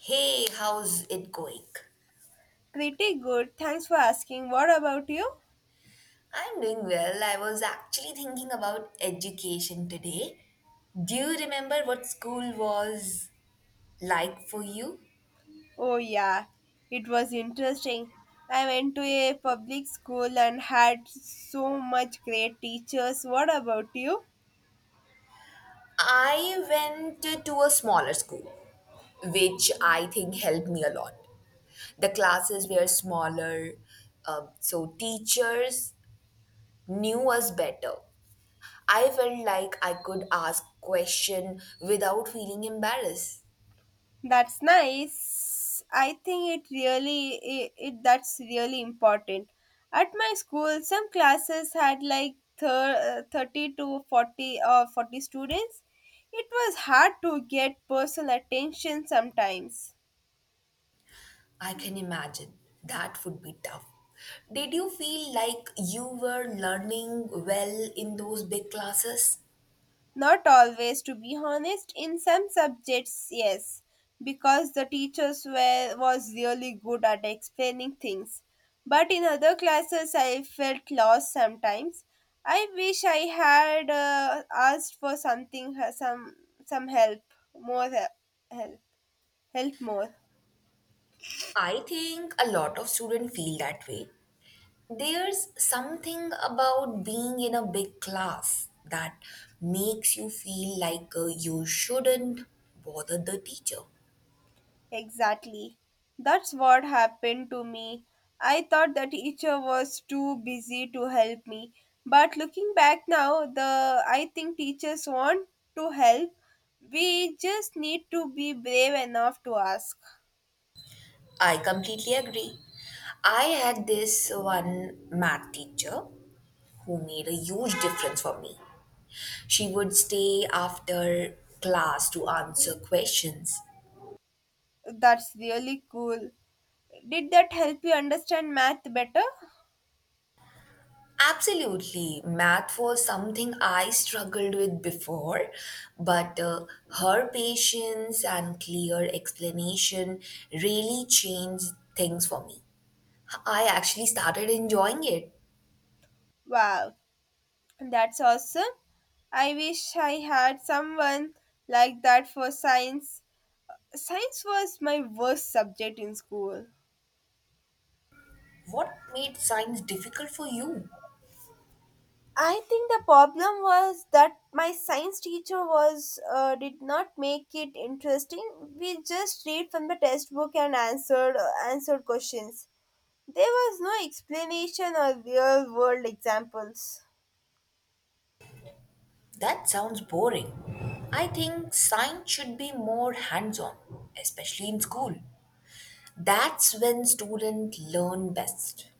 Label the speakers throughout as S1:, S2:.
S1: Hey, how's it going?
S2: Pretty good. Thanks for asking. What about you?
S1: I'm doing well. I was actually thinking about education today. Do you remember what school was like for you?
S2: Oh, yeah. It was interesting. I went to a public school and had so much great teachers. What about you?
S1: I went to a smaller school, which I think helped me a lot. The classes were smaller, so teachers knew us better. I felt like I could ask questions without feeling embarrassed.
S2: That's nice. I think it really it, that's really important. At my school, some classes had like 30 to 40 or 40 students. It was hard to get personal attention sometimes.
S1: I can imagine that would be tough. Did you feel like you were learning well in those big classes?
S2: Not always, to be honest. In some subjects, yes, because the teachers were was really good at explaining things. But in other classes, I felt lost sometimes. I wish I had asked for something, some help, help, help more.
S1: I think a lot of students feel that way. There's something about being in a big class that makes you feel like you shouldn't bother the teacher.
S2: Exactly. That's what happened to me. I thought the teacher was too busy to help me. But looking back now, the I think teachers want to help. We just need to be brave enough to ask.
S1: I completely agree. I had this one math teacher who made a huge difference for me. She would stay after class to answer questions.
S2: That's really cool. Did that help you understand math better?
S1: Absolutely, math was something I struggled with before, but her patience and clear explanation really changed things for me. I actually started enjoying it.
S2: Wow, that's awesome. I wish I had someone like that for science. Science was my worst subject in school.
S1: What made science difficult for you?
S2: I think the problem was that my science teacher was did not make it interesting. We just read from the textbook and answered answered questions. There was no explanation or real world examples.
S1: That sounds boring. I think science should be more hands on, especially in school. That's when students learn best.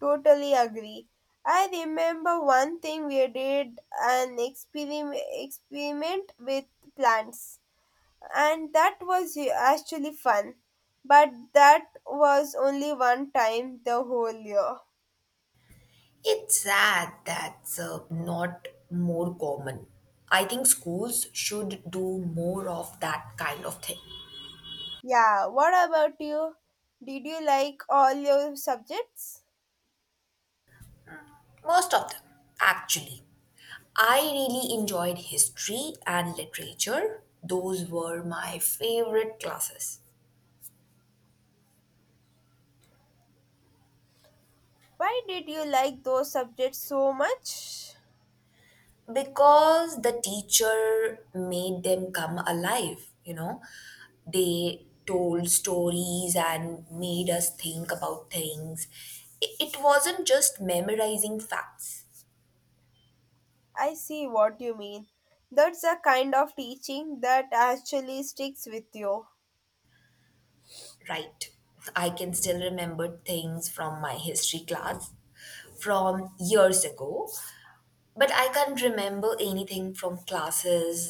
S2: Totally agree. I remember one thing we did an experiment with plants, and that was actually fun. But that was only one time the whole year.
S1: It's sad that's not more common. I think schools should do more of that kind of thing.
S2: Yeah, what about you? Did you like all your subjects?
S1: Most of them, actually. I really enjoyed history and literature, those were my favorite classes.
S2: Why did you like those subjects so much?
S1: Because the teacher made them come alive, you know, they told stories and made us think about things. It wasn't just memorizing facts.
S2: I see what you mean. That's a kind of teaching that actually sticks with you.
S1: Right, I can still remember things from my history class from years ago, but I can't remember anything from classes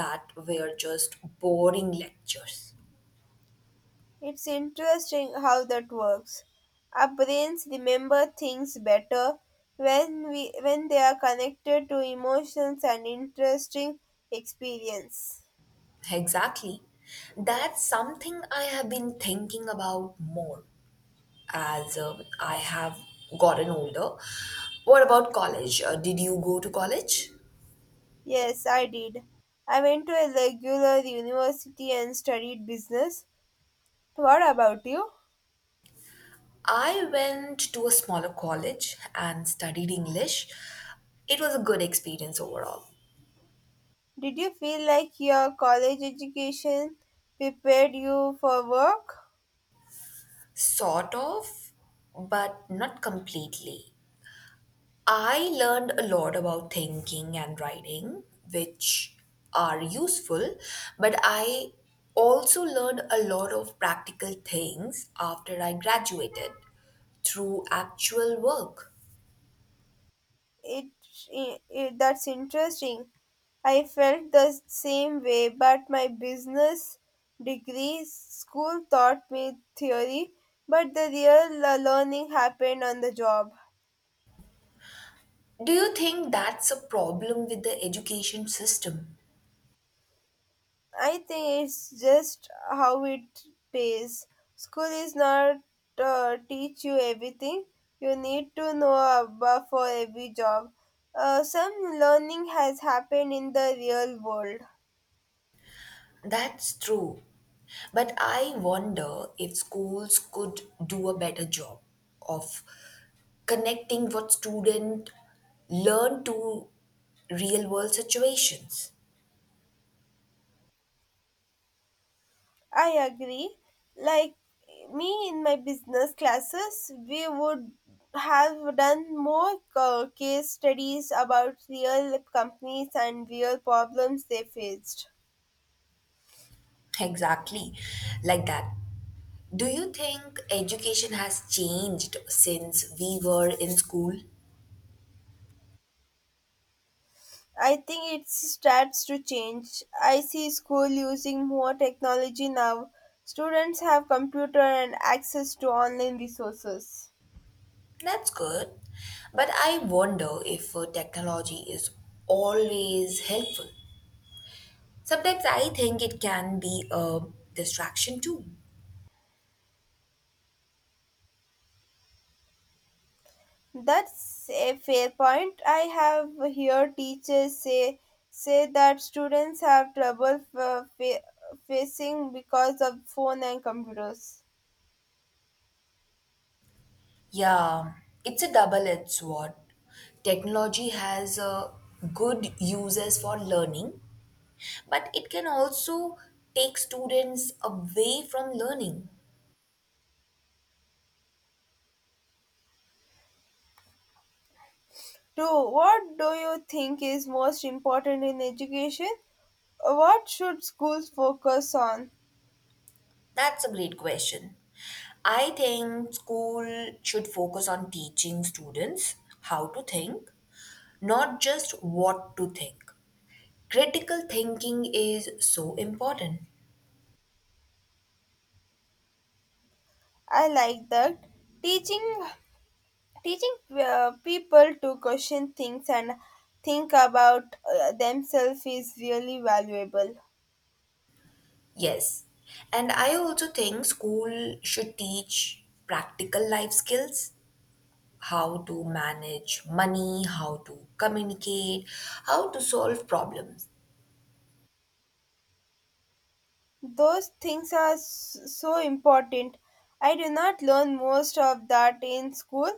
S1: that were just boring lectures.
S2: It's interesting how that works. Our brains remember things better when we when they are connected to emotions and interesting experience.
S1: Exactly. That's something I have been thinking about more as I have gotten older. What about college? Did you go to college?
S2: Yes, I did. I went to a regular university and studied business. So, what about you?
S1: I went to a smaller college and studied English. It was a good experience overall.
S2: Did you feel like your college education prepared you for work?
S1: Sort of, but not completely. I learned a lot about thinking and writing, which are useful, but I also learned a lot of practical things after I graduated through actual work.
S2: It, it, that's interesting. I felt the same way, but my business degree school taught me theory, but the real learning happened on the job.
S1: Do you think that's a problem with the education system?
S2: I think it's just how it pays. School is not teach you everything. You need to know about for every job. Some learning has happened in the real world.
S1: That's true. But I wonder if schools could do a better job of connecting what students learn to real world situations.
S2: I agree. Like me in my business classes, we would have done more case studies about real companies and real problems they faced.
S1: Exactly, like that. Do you think education has changed since we were in school?
S2: I think it starts to change. I see school using more technology now. Students have computer and access to online resources.
S1: That's good. But I wonder if technology is always helpful. Sometimes I think it can be a distraction too.
S2: That's a fair point. I have heard teachers say that students have trouble facing because of phone and computers.
S1: Yeah, it's a double-edged sword. Technology has good uses for learning, but it can also take students away from learning.
S2: Two, what do you think is most important in education? What should schools focus on?
S1: That's a great question. I think school should focus on teaching students how to think, not just what to think. Critical thinking is so important.
S2: I like that. Teaching Teaching people to question things and think about themselves is really valuable.
S1: Yes. And I also think school should teach practical life skills: how to manage money, how to communicate, how to solve problems.
S2: Those things are so important. I do not learn most of that in school,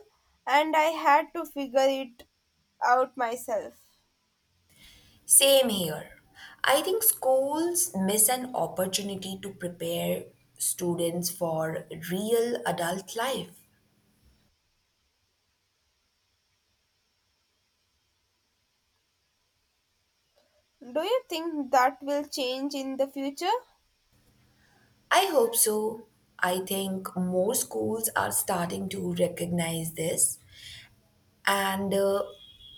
S2: and I had to figure it out myself.
S1: Same here. I think schools miss an opportunity to prepare students for real adult life.
S2: Do you think that will change in the future?
S1: I hope so. I think more schools are starting to recognize this and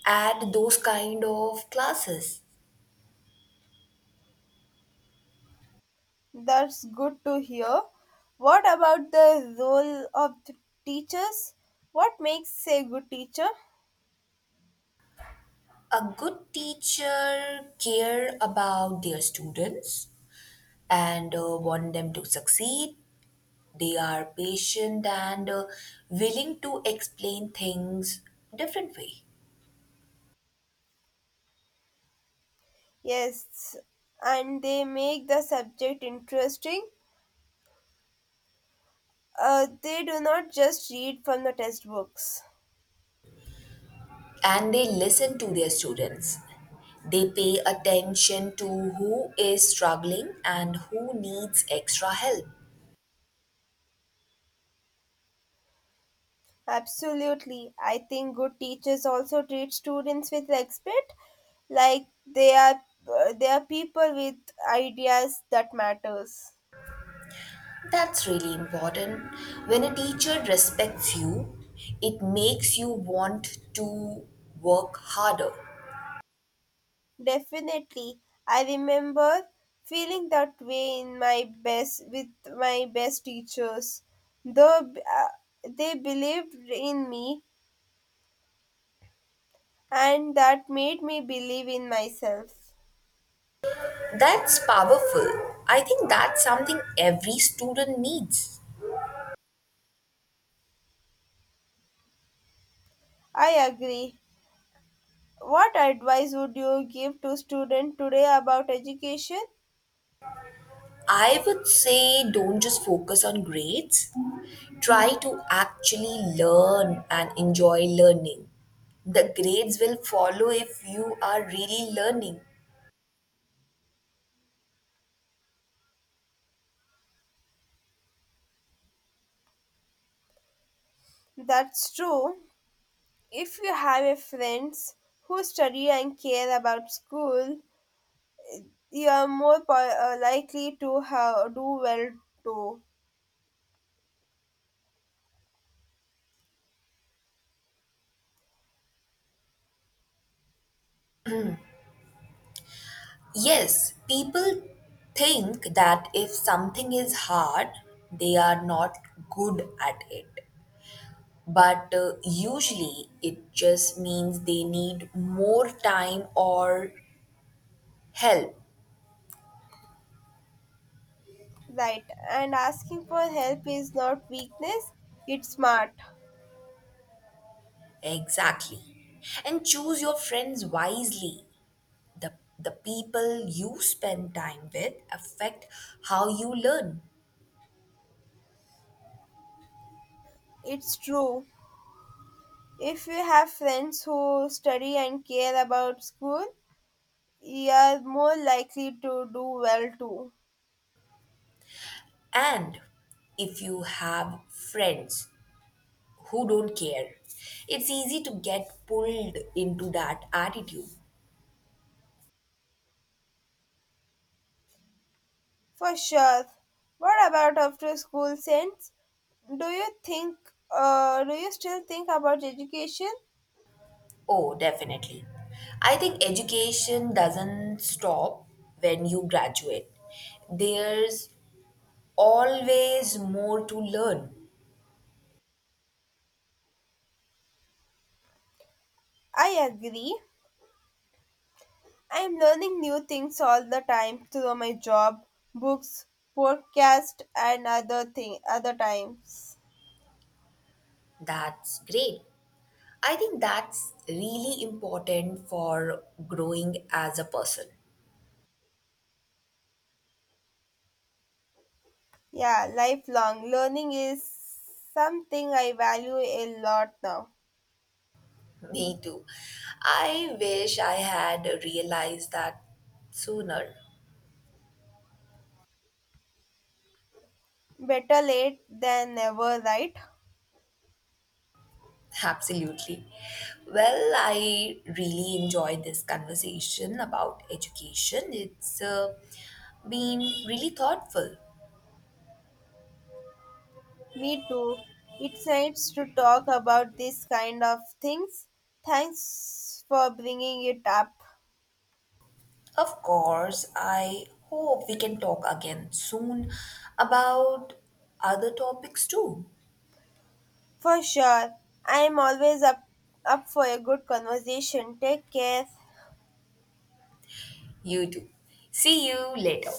S1: add those kind of classes.
S2: That's good to hear. What about the role of the teachers? What makes a good teacher?
S1: A good teacher care about their students and want them to succeed. They are patient and willing to explain things different way.
S2: Yes, and they make the subject interesting. They do not just read from the textbooks.
S1: And they listen to their students. They pay attention to who is struggling and who needs extra help.
S2: Absolutely. I think good teachers also treat students with respect, like they are people with ideas that matters.
S1: That's really important. When a teacher respects you, it makes you want to work harder.
S2: Definitely. I remember feeling that way in my best teachers. Though They believed in me and that made me believe in myself.
S1: That's powerful. I think that's something every student needs.
S2: I agree. What advice would you give to students today about education?
S1: I would say don't just focus on grades, try to actually learn and enjoy learning. The grades will follow if you are really learning.
S2: That's true. If you have a friends who study and care about school, you are likely to do well too.
S1: Yes, people think that if something is hard, they are not good at it. But usually it just means they need more time or help.
S2: Right. And asking for help is not weakness, it's smart.
S1: Exactly. And choose your friends wisely. The, the people you spend time with affect how you learn.
S2: It's true. If you have friends who study and care about school, you're more likely to do well too.
S1: And if you have friends who don't care, it's easy to get pulled into that attitude.
S2: For sure. What about after school sense? Do you think do you still think about education?
S1: Oh, definitely. I think education doesn't stop when you graduate, there's always more to learn.
S2: I agree. I'm learning new things all the time through my job, books, podcast and other times.
S1: That's great. I think that's really important for growing as a person.
S2: Yeah, lifelong learning is something I value a lot now.
S1: Me too. I wish I had realized that sooner.
S2: Better late than never, right?
S1: Absolutely. Well, I really enjoyed this conversation about education. It's been really thoughtful.
S2: Me too. It helps to talk about these kind of things. Thanks for bringing it up.
S1: Of course, I hope we can talk again soon about other topics too.
S2: For sure. I am always up, Up for a good conversation. Take care.
S1: You too. See you later.